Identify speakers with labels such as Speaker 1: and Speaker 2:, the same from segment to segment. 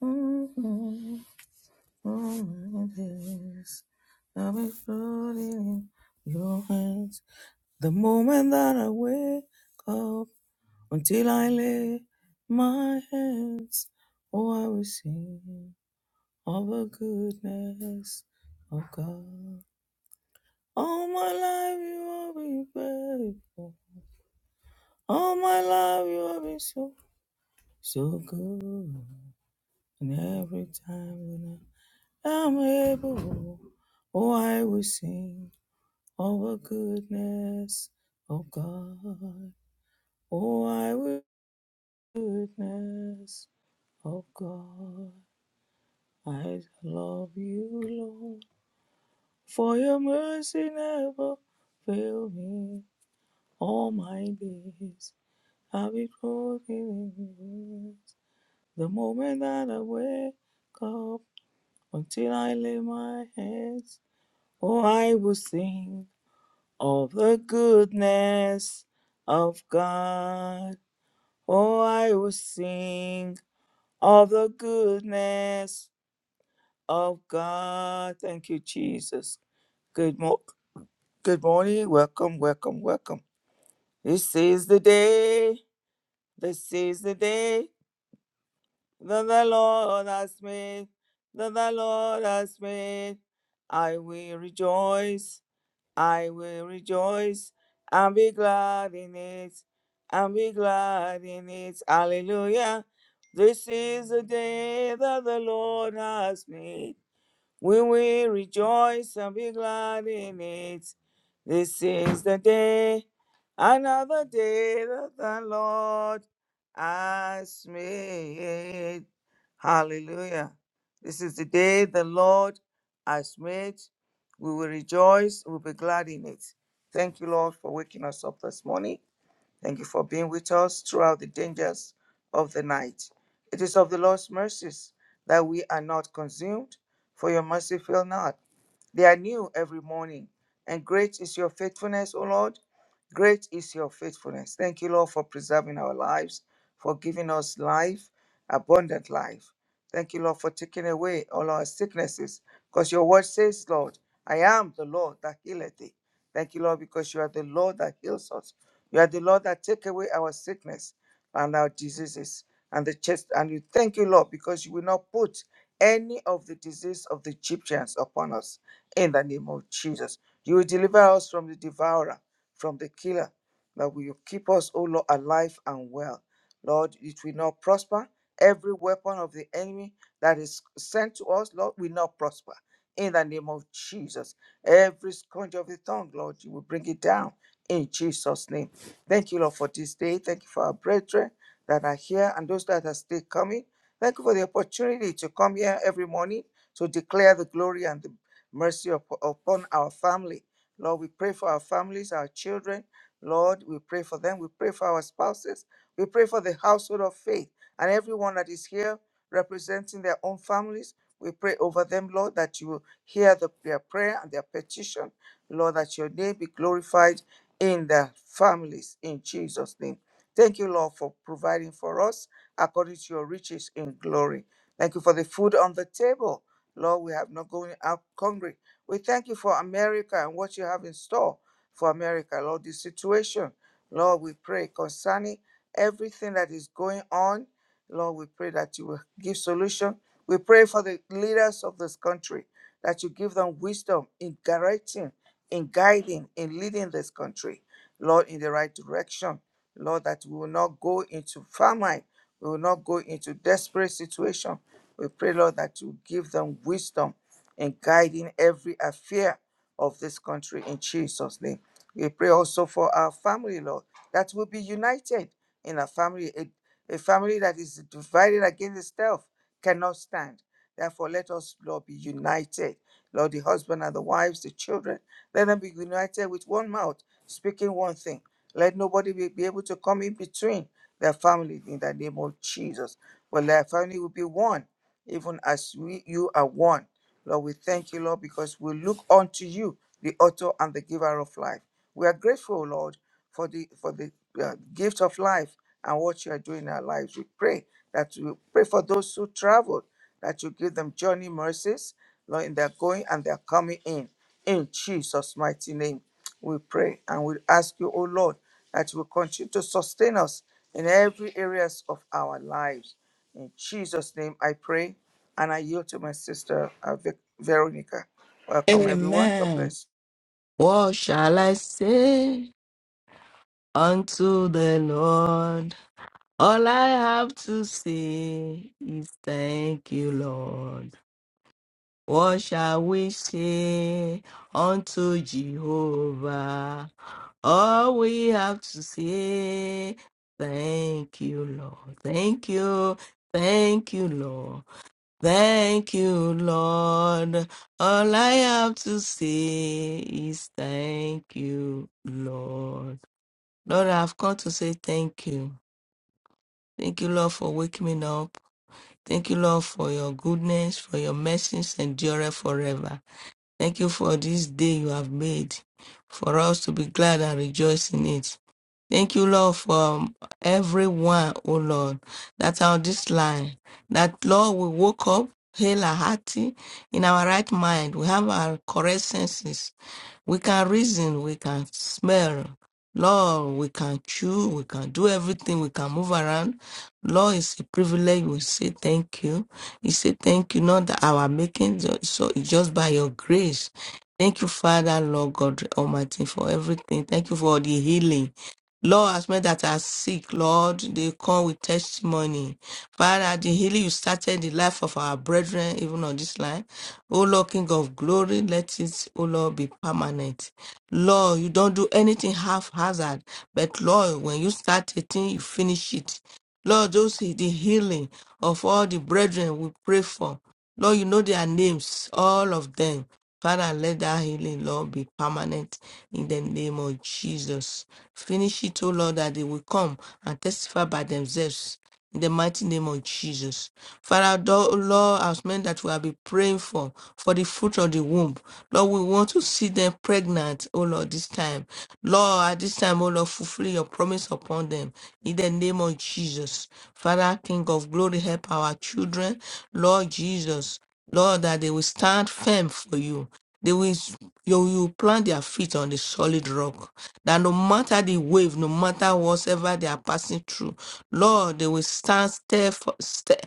Speaker 1: Mm, my days, I'll be floating in your hands. The moment that I wake up until I lay my hands, oh, I will sing of the goodness of God. All my life you have been faithful. All my life you have been so, so good. And every time when I i am able. Oh, I will sing of the goodness of God. Oh, I will goodness of God. I love you, Lord, for your mercy never fail me. All my days I'll be clothed in yours. The moment that I wake up until I lay my hands, oh, I will sing of the goodness of God. Oh, I will sing of the goodness of God. Thank you, Jesus. Good, mo- good morning. Welcome, welcome, welcome. This is the day. This is the day that the Lord has made. That the Lord has made. I will rejoice I will rejoice and be glad in it, and be glad in it. Hallelujah. This is the day that the Lord has made. We will rejoice and be glad in it. This is the day, another day that the Lord has made. Hallelujah. This is the day the Lord has made. We will rejoice, we'll be glad in it. Thank you, Lord, for waking us up this morning. Thank you for being with us throughout the dangers of the night. It is of the Lord's mercies that we are not consumed, for your mercy fail not. They are new every morning, and great is your faithfulness, O Lord. Great is your faithfulness. Thank you, Lord, for preserving our lives, for giving us life, abundant life. Thank you, Lord, for taking away all our sicknesses, because your word says, Lord, I am the Lord that healeth thee. Thank you, Lord, because you are the Lord that heals us. You are the Lord that take away our sickness and our diseases and the chest. And you thank you, Lord, because you will not put any of the disease of the Egyptians upon us in the name of Jesus. You will deliver us from the devourer, from the killer, that will keep us, O Lord, alive and well. Lord, it will not prosper. Every weapon of the enemy that is sent to us, Lord, will not prosper. In the name of Jesus. Every scourge of the tongue, Lord, you will bring it down in Jesus' name. Thank you, Lord, for this day. Thank you for our brethren that are here and those that are still coming. Thank you for the opportunity to come here every morning to declare the glory and the mercy up- upon our family. Lord, we pray for our families, our children. Lord, we pray for them. We pray for our spouses. We pray for the household of faith and everyone that is here representing their own families. We pray over them, Lord, that you will hear the, their prayer and their petition. Lord, that your name be glorified in their families in Jesus' name. Thank you, Lord, for providing for us according to your riches in glory. Thank you for the food on the table. Lord, we have not going out hungry. We thank you for America and what you have in store for America, Lord, This situation. Lord, we pray concerning everything that is going on. Lord, we pray that you will give solution. We pray for the leaders of this country, that you give them wisdom in directing in guiding and leading this country, Lord, in the right direction. Lord, that we will not go into famine, we will not go into desperate situation. We pray, Lord, that you give them wisdom in guiding every affair of this country in Jesus' name. We pray also for our family, Lord, that we'll be united in a family. A, a family that is divided against itself cannot stand. Therefore, let us, Lord, be united. Lord, the husband and the wives, the children, let them be united with one mouth, speaking one thing. Let nobody be, be able to come in between their family in the name of Jesus. But their family will be one, even as we you are one. Lord, we thank you, Lord, because we look unto you, the author and the giver of life. We are grateful, Lord for the for the uh, gift of life and what you are doing in our lives. We pray that you pray for those who traveled, that you give them journey mercies, Lord, in their going and their coming in. In Jesus' mighty name, we pray and we ask you, O Lord, that you will continue to sustain us in every areas of our lives. In Jesus' name, I pray and I yield to my sister uh, Vic- Veronica. Welcome, everyone. God
Speaker 2: Amen.
Speaker 1: bless.
Speaker 2: What shall I say unto the Lord? All I have to say is thank you, Lord. What shall we say unto Jehovah? All we have to say, thank you, Lord. Thank you. Thank you, Lord. Thank you, Lord. All I have to say is thank you, Lord. Lord, I've come to say thank you. Thank you, Lord, for waking me up. Thank you, Lord, for your goodness, for your mercies endure forever. Thank you for this day you have made, for us to be glad and rejoice in it. Thank you, Lord, for um, everyone, oh Lord, that are on this line. That, Lord, we woke up, hail our hearty, in our right mind. We have our correct senses. We can reason, we can smell. Lord, we can chew, we can do everything, we can move around. Lord, it's a privilege. We say thank you. You say thank you, not that our making, so so it's just by your grace. Thank you, Father, Lord God Almighty, for everything. Thank you for the healing. Lord, as many that are sick, Lord, they come with testimony. Father, the healing you started the life of our brethren, even on this line. O Lord, King of glory, let it, O Lord, be permanent. Lord, you don't do anything half hazard, but Lord, when you start a thing, you finish it. Lord, those the healing of all the brethren we pray for. Lord, you know their names, all of them. Father, let that healing, Lord, be permanent in the name of Jesus. Finish it, O Lord, that they will come and testify by themselves in the mighty name of Jesus. Father, tho- Lord, as men that we have been praying for, for the fruit of the womb, Lord, we want to see them pregnant, O Lord, this time. Lord, at this time, O Lord, fulfill your promise upon them in the name of Jesus. Father, King of glory, help our children, Lord Jesus. Lord, that they will stand firm for you. They will s- you will plant their feet on the solid rock. That no matter the wave, no matter whatever they are passing through, Lord, they will stand step for step,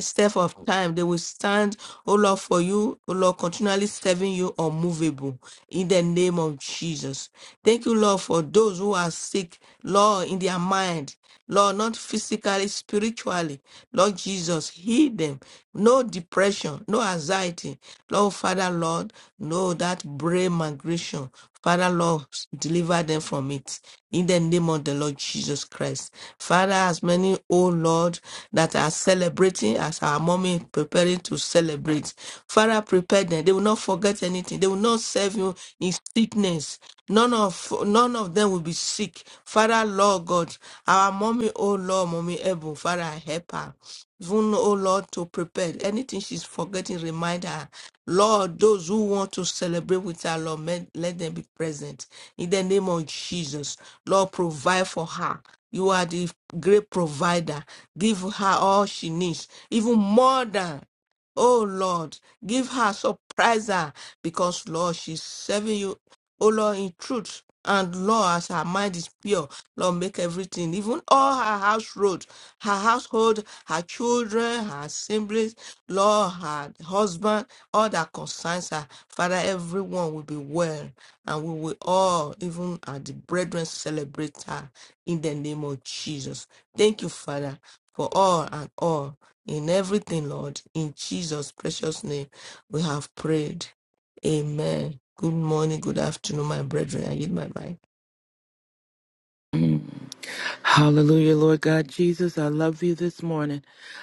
Speaker 2: step of time. They will stand, oh Lord, for you, oh Lord, continually serving you unmovable in the name of Jesus. Thank you, Lord, for those who are sick, Lord, in their mind, Lord, not physically, spiritually spiritually. Lord Jesus, heal them. No depression, no anxiety. Lord Father, Lord, no that brain migration. Father, Lord, deliver them from it. In the name of the Lord Jesus Christ. Father, as many, oh Lord, that are celebrating as our mommy preparing to celebrate. Father, prepare them. They will not forget anything. They will not serve you in sickness. None of none of them will be sick. Father, Lord God, our mommy, oh Lord, mommy Ebo, Father, help her. Even, oh Lord, to prepare anything she's forgetting, remind her. Lord, those who want to celebrate with her, Lord, let, let them be present. In the name of Jesus, Lord, provide for her. You are the great provider. Give her all she needs, even more than Oh Lord, give her, surprise her, because Lord, she's serving you O Lord, in truth and law, as her mind is pure, Lord, make everything, even all her house road, her household, her children, her siblings, Lord, her husband, all that concerns her. Father, everyone will be well, and we will all, even at the brethren, celebrate her in the name of Jesus. Thank you, Father, for all and all. In everything, Lord, in Jesus' precious name, we have prayed. Amen. Good morning, good afternoon, my brethren. I yield my mic.
Speaker 3: Mm. Hallelujah, Lord God Jesus. I love you this morning.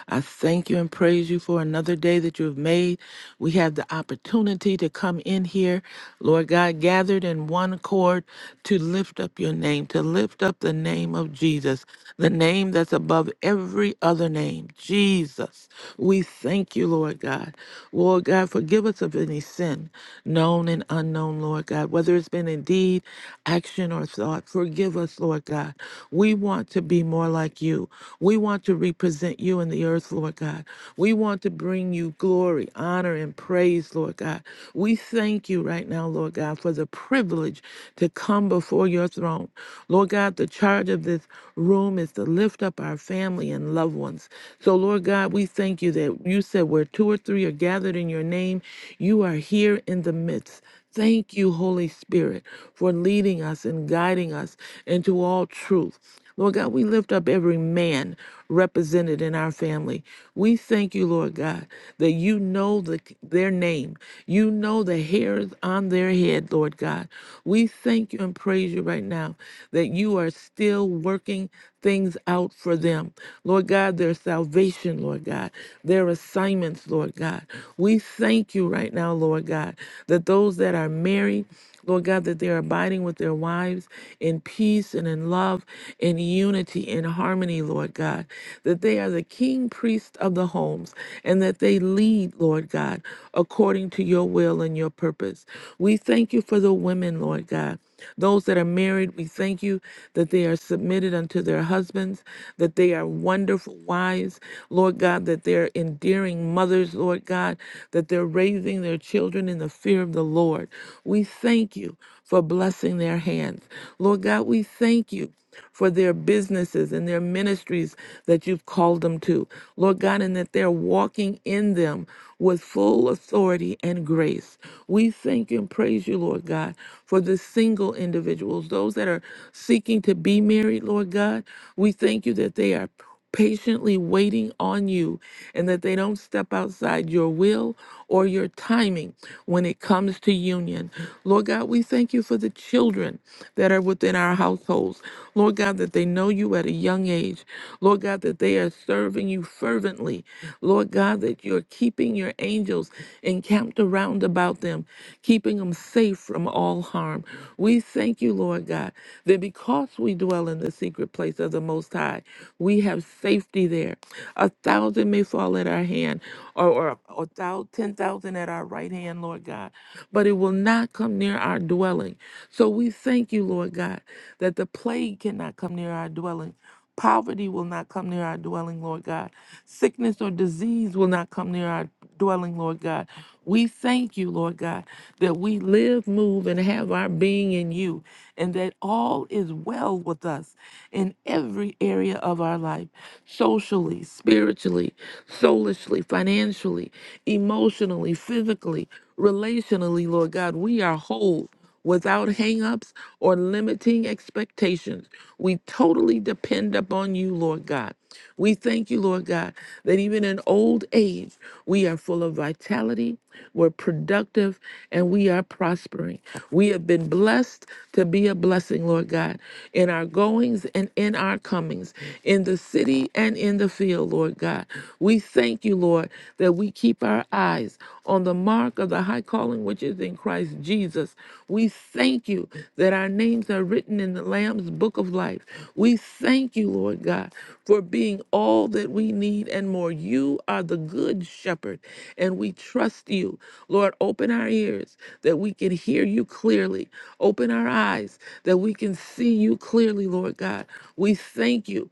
Speaker 3: I thank you and praise you for another day that you have made. We have the opportunity to come in here, Lord God, gathered in one accord to lift up your name, to lift up the name of Jesus, the name that's above every other name, Jesus. We thank you, Lord God. Lord God, forgive us of any sin, known and unknown, Lord God, whether it's been in deed, action, or thought. Forgive us, Lord God. We want to be more like you you. We want to represent you in the earth, Lord God. We want to bring you glory, honor, and praise, Lord God. We thank you right now, Lord God, for the privilege to come before your throne. Lord God, the charge of this room is to lift up our family and loved ones. So, Lord God, we thank you that you said where two or three are gathered in your name, you are here in the midst. Thank you, Holy Spirit, for leading us and guiding us into all truth. Lord God, we lift up every man represented in our family. We thank you, Lord God, that you know the, their name. You know the hairs on their head, Lord God. We thank you and praise you right now that you are still working things out for them. Lord God, their salvation, Lord God, their assignments, Lord God. We thank you right now, Lord God, that those that are married, Lord God, that they're abiding with their wives in peace and in love, in unity, in harmony, Lord God. That they are the king priest of the homes and that they lead, Lord God, according to your will and your purpose. We thank you for the women, Lord God. Those that are married, we thank you that they are submitted unto their husbands, that they are wonderful wives, Lord God, that they're endearing mothers, Lord God, that they're raising their children in the fear fear of the Lord. We thank you for blessing their hands. Lord God, we thank you for their businesses and their ministries that you've called them to. Lord God, and that they're walking in them with full authority and grace. We thank and praise you, Lord God, for the single individuals, those that are seeking to be married, Lord God. We thank you that they are patiently waiting on you and that they don't step outside your will or your timing when it comes to union. Lord God, we thank you for the children that are within our households. Lord God, that they know you at a young age. Lord God, that they are serving you first fervently. Lord God, that you're keeping your angels encamped around about them, keeping them safe from all harm. We thank you, Lord God, that because we dwell in the secret place of the Most High, we have safety there. A thousand may fall at our hand, or, or a thousand, ten thousand at our right hand, Lord God, but it will not come near our dwelling. So we thank you, Lord God, that the plague cannot come near our dwelling Poverty will not come near our dwelling, Lord God. Sickness or disease will not come near our dwelling, Lord God. We thank you, Lord God, that we live, move, and have our being in you, and that all is well with us in every area of our life socially, spiritually, soulishly, financially, emotionally, physically, relationally, Lord God. We are whole without hangups or limiting expectations. We totally depend upon you, Lord God. We thank you, Lord God, that even in old age, we are full of vitality we're productive and we are prospering. We have been blessed to be a blessing, Lord God, in our goings and in our comings, in the city and in the field, Lord God. We thank you, Lord, that we keep our eyes on the mark of the high calling which is in Christ Jesus. We thank you that our names are written in the Lamb's book of life. We thank you, Lord God, for being all all that we need and more. You are the good shepherd, and we trust you. Lord, open our ears that we can hear you clearly. Open our eyes that we can see you clearly, Lord God. We thank you.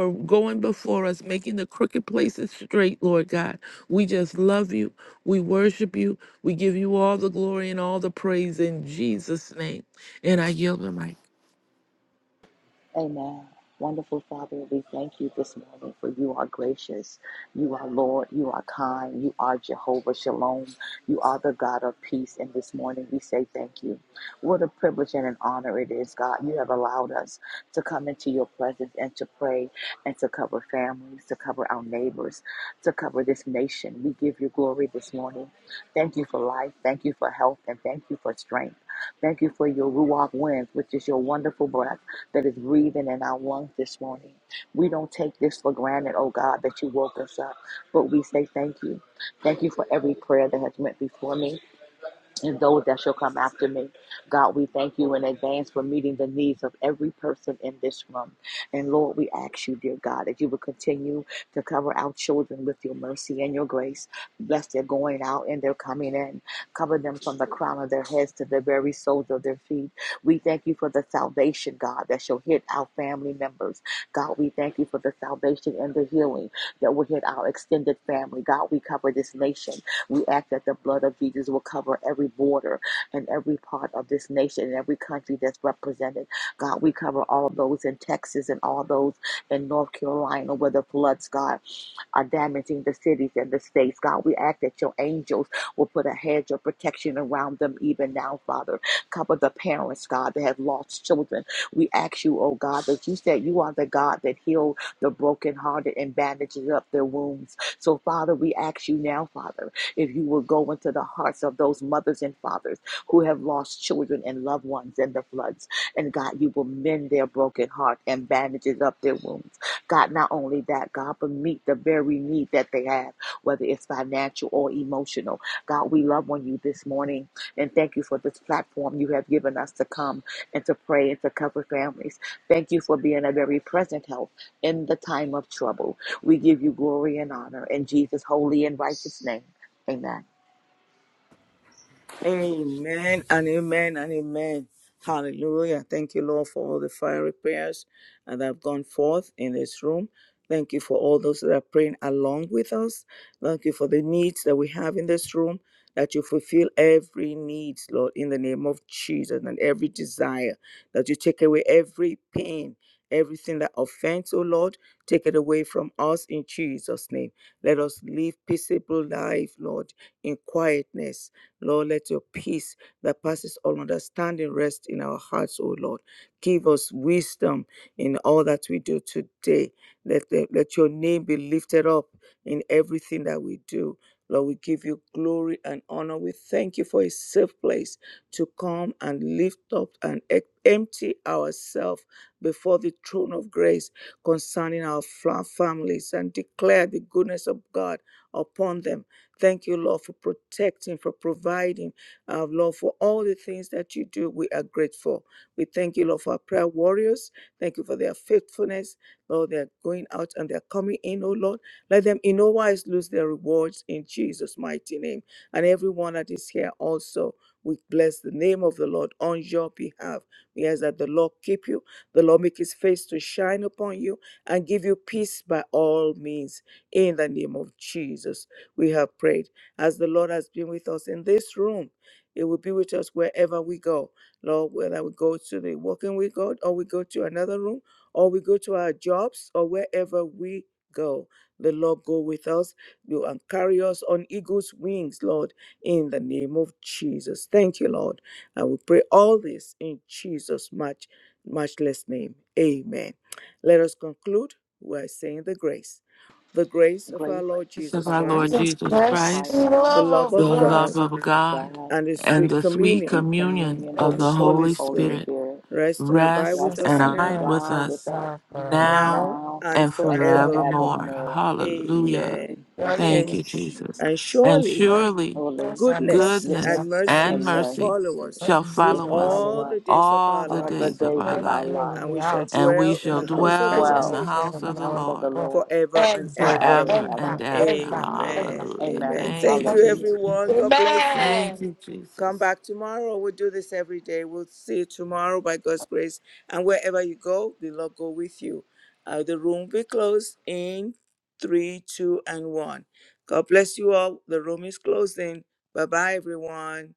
Speaker 3: For going before us, making the crooked places straight, Lord God. We just love you. We worship you. We give you all the glory and all the praise in Jesus' name. And I yield the mic.
Speaker 4: Amen. Wonderful Father, we thank you this morning for you are gracious. You are Lord. You are kind. You are Jehovah Shalom. You are the God of peace. And this morning we say thank you. What a privilege and an honor it is, God. You have allowed us to come into your presence and to pray and to cover families, to cover our neighbors, to cover this nation. We give you glory this morning. Thank you for life. Thank you for health. And thank you for strength. Thank you for your Ruach winds, which is your wonderful breath that is breathing in our lungs this morning. We don't take this for granted, oh God, that you woke us up, but we say thank you. Thank you for every prayer that has went before me and those that shall come after me. God, we thank you in advance for meeting the needs of every person in this room. And Lord, we ask you, dear God, that you will continue to cover our children with your mercy and your grace. Bless their going out and their coming in. Cover them from the crown of their heads to the very soles of their feet. We thank you for the salvation, God, that shall hit our family members. God, we thank you for the salvation and the healing that will hit our extended family. God, we cover this nation. We ask that the blood of Jesus will cover every border and every part of this nation and every country that's represented. God, we cover all those in Texas and all those in North Carolina where the floods, God are damaging the cities and the states. God, we ask that your angels will put a hedge of protection around them even now, Father. Cover the parents, God, that have lost children. We ask you, oh God, that you said you are the God that healed the brokenhearted and bandages up their wounds. So, Father, we ask you now, Father, if you will go into the hearts of those mothers and fathers who have lost children and loved ones in the floods. And God, you will mend their broken heart and bandages up their wounds. God, not only that, God, but meet the very need that they have, whether it's financial or emotional. God, we love on you this morning and thank you for this platform you have given us to come and to pray and to cover families. Thank you for being a very present help in the time of trouble. We give you glory and honor in Jesus' holy and righteous name. Amen.
Speaker 1: Amen and amen and amen. Hallelujah. Thank you, Lord, for all the fiery prayers that have gone forth in this room. Thank you for all those that are praying along with us. Thank you for the needs that we have in this room, that you fulfill every need, Lord, in the name of Jesus, and every desire, that you take away every pain, everything that offends, oh Lord, take it away from us in Jesus' name. Let us live peaceable life, Lord, in quietness Lord, let your peace that passes all understanding rest in our hearts, O Lord. Give us wisdom in all that we do today. Let, the- let your name be lifted up in everything that we do. Lord, we give you glory and honor. We thank you for a safe place to come and lift up and e- empty ourselves before the throne of grace concerning our fa- families and declare the goodness of God upon them Thank you, Lord, for protecting, for providing, uh, Lord, for all the things that you do. We are grateful. We thank you, Lord, for our prayer warriors. Thank you for their faithfulness. Lord, they're going out and they're coming in, oh Lord. Let them in no wise lose their rewards in Jesus' mighty name. And everyone that is here also, we bless the name of the Lord on your behalf. We ask that the Lord keep you, the Lord make his face to shine upon you and give you peace by all means in the name of Jesus we have prayed. As the Lord has been with us in this room, it will be with us wherever we go. Lord, whether we go to the walking with God or we go to another room or we go to our jobs or wherever we go. The Lord go with us. You and carry us on eagle's wings, Lord, in the name of Jesus. Thank you, Lord. And we pray all this in Jesus' much, matchless name. Amen. Let us conclude by saying the grace. The grace of our
Speaker 4: Grace
Speaker 1: Lord
Speaker 4: of
Speaker 3: Of
Speaker 1: Jesus
Speaker 4: our
Speaker 3: our
Speaker 4: Lord
Speaker 3: Lord
Speaker 4: Jesus
Speaker 1: Christ
Speaker 2: This
Speaker 3: Jesus Christ.
Speaker 4: Christ
Speaker 2: the
Speaker 1: the love
Speaker 2: love of
Speaker 3: the
Speaker 1: of
Speaker 2: God,
Speaker 1: God,
Speaker 3: love of
Speaker 4: and the
Speaker 3: God,
Speaker 4: God,
Speaker 1: and the
Speaker 3: and
Speaker 1: sweet
Speaker 3: the
Speaker 4: the
Speaker 3: sweet
Speaker 1: communion
Speaker 4: sweet
Speaker 3: communion
Speaker 4: communion
Speaker 2: that
Speaker 4: of
Speaker 1: of
Speaker 3: of
Speaker 1: the
Speaker 3: the
Speaker 2: is
Speaker 4: of the
Speaker 1: Holy
Speaker 3: Holy
Speaker 4: Holy
Speaker 1: Spirit
Speaker 3: Spirit
Speaker 4: Spirit,
Speaker 1: rest and abide
Speaker 3: rest
Speaker 4: rest
Speaker 1: with
Speaker 2: just
Speaker 1: us
Speaker 3: and
Speaker 2: my
Speaker 4: and
Speaker 1: now,
Speaker 3: abide
Speaker 2: mind. God,
Speaker 3: with
Speaker 4: abide with
Speaker 3: us
Speaker 4: us
Speaker 2: the Father, um,
Speaker 3: now
Speaker 1: now
Speaker 4: now
Speaker 1: and
Speaker 3: and
Speaker 4: and
Speaker 2: in
Speaker 1: forevermore.
Speaker 3: forevermore.
Speaker 4: forevermore.
Speaker 3: Hallelujah.
Speaker 1: Amen.
Speaker 4: Yes,
Speaker 3: Thank
Speaker 1: And,
Speaker 4: Lord.
Speaker 3: you, Jesus.
Speaker 1: and
Speaker 3: And
Speaker 1: surely
Speaker 3: surely
Speaker 4: Holy
Speaker 2: yes, I miss
Speaker 1: goodness
Speaker 4: goodness
Speaker 1: and
Speaker 2: you.
Speaker 3: goodness
Speaker 1: mercy
Speaker 2: fellow.
Speaker 3: and
Speaker 4: and
Speaker 1: shall
Speaker 4: mercy
Speaker 3: mercy
Speaker 1: follow us
Speaker 2: What
Speaker 3: shall
Speaker 2: do you do
Speaker 4: shall
Speaker 2: the
Speaker 3: follow us
Speaker 4: follow
Speaker 1: all
Speaker 2: fellow?
Speaker 4: us
Speaker 1: the days of
Speaker 3: all
Speaker 1: our
Speaker 3: the
Speaker 4: all the
Speaker 1: lives,
Speaker 3: days of
Speaker 4: days
Speaker 3: our
Speaker 4: of
Speaker 2: Very
Speaker 4: our
Speaker 3: life,
Speaker 4: life,
Speaker 2: in
Speaker 1: and
Speaker 2: the
Speaker 1: we shall
Speaker 2: house,
Speaker 3: and we
Speaker 1: dwell in
Speaker 4: and
Speaker 3: shall
Speaker 1: the
Speaker 4: we
Speaker 2: and
Speaker 4: should
Speaker 2: the
Speaker 1: house of the
Speaker 3: dwell
Speaker 2: presence
Speaker 3: in
Speaker 1: Lord
Speaker 3: the
Speaker 4: dwell
Speaker 2: of
Speaker 3: house
Speaker 2: the
Speaker 4: in the
Speaker 3: of the
Speaker 4: house
Speaker 2: Lord
Speaker 4: of the
Speaker 3: Lord
Speaker 4: Lord
Speaker 1: forever and
Speaker 2: forever,
Speaker 4: forever
Speaker 1: ever.
Speaker 4: and
Speaker 3: forever
Speaker 2: ever,
Speaker 4: ever.
Speaker 3: and ever.
Speaker 2: ever, ever.
Speaker 1: Amen.
Speaker 3: Hallelujah.
Speaker 4: Amen.
Speaker 2: In
Speaker 1: Amen.
Speaker 2: Jesus'
Speaker 3: Thank
Speaker 1: Thank
Speaker 3: you,
Speaker 1: you,
Speaker 2: name.
Speaker 4: Hallelujah.
Speaker 3: Jesus.
Speaker 1: everyone. God bless you.
Speaker 3: Thank
Speaker 2: Amen.
Speaker 3: you,
Speaker 1: Come
Speaker 3: Jesus.
Speaker 1: back tomorrow. We'll do this every day. We'll see you tomorrow by God's grace. And wherever you go, the Lord go with you. Uh, the room will be closed in three, two, and one. God bless you all. The room is closing. Bye bye, everyone.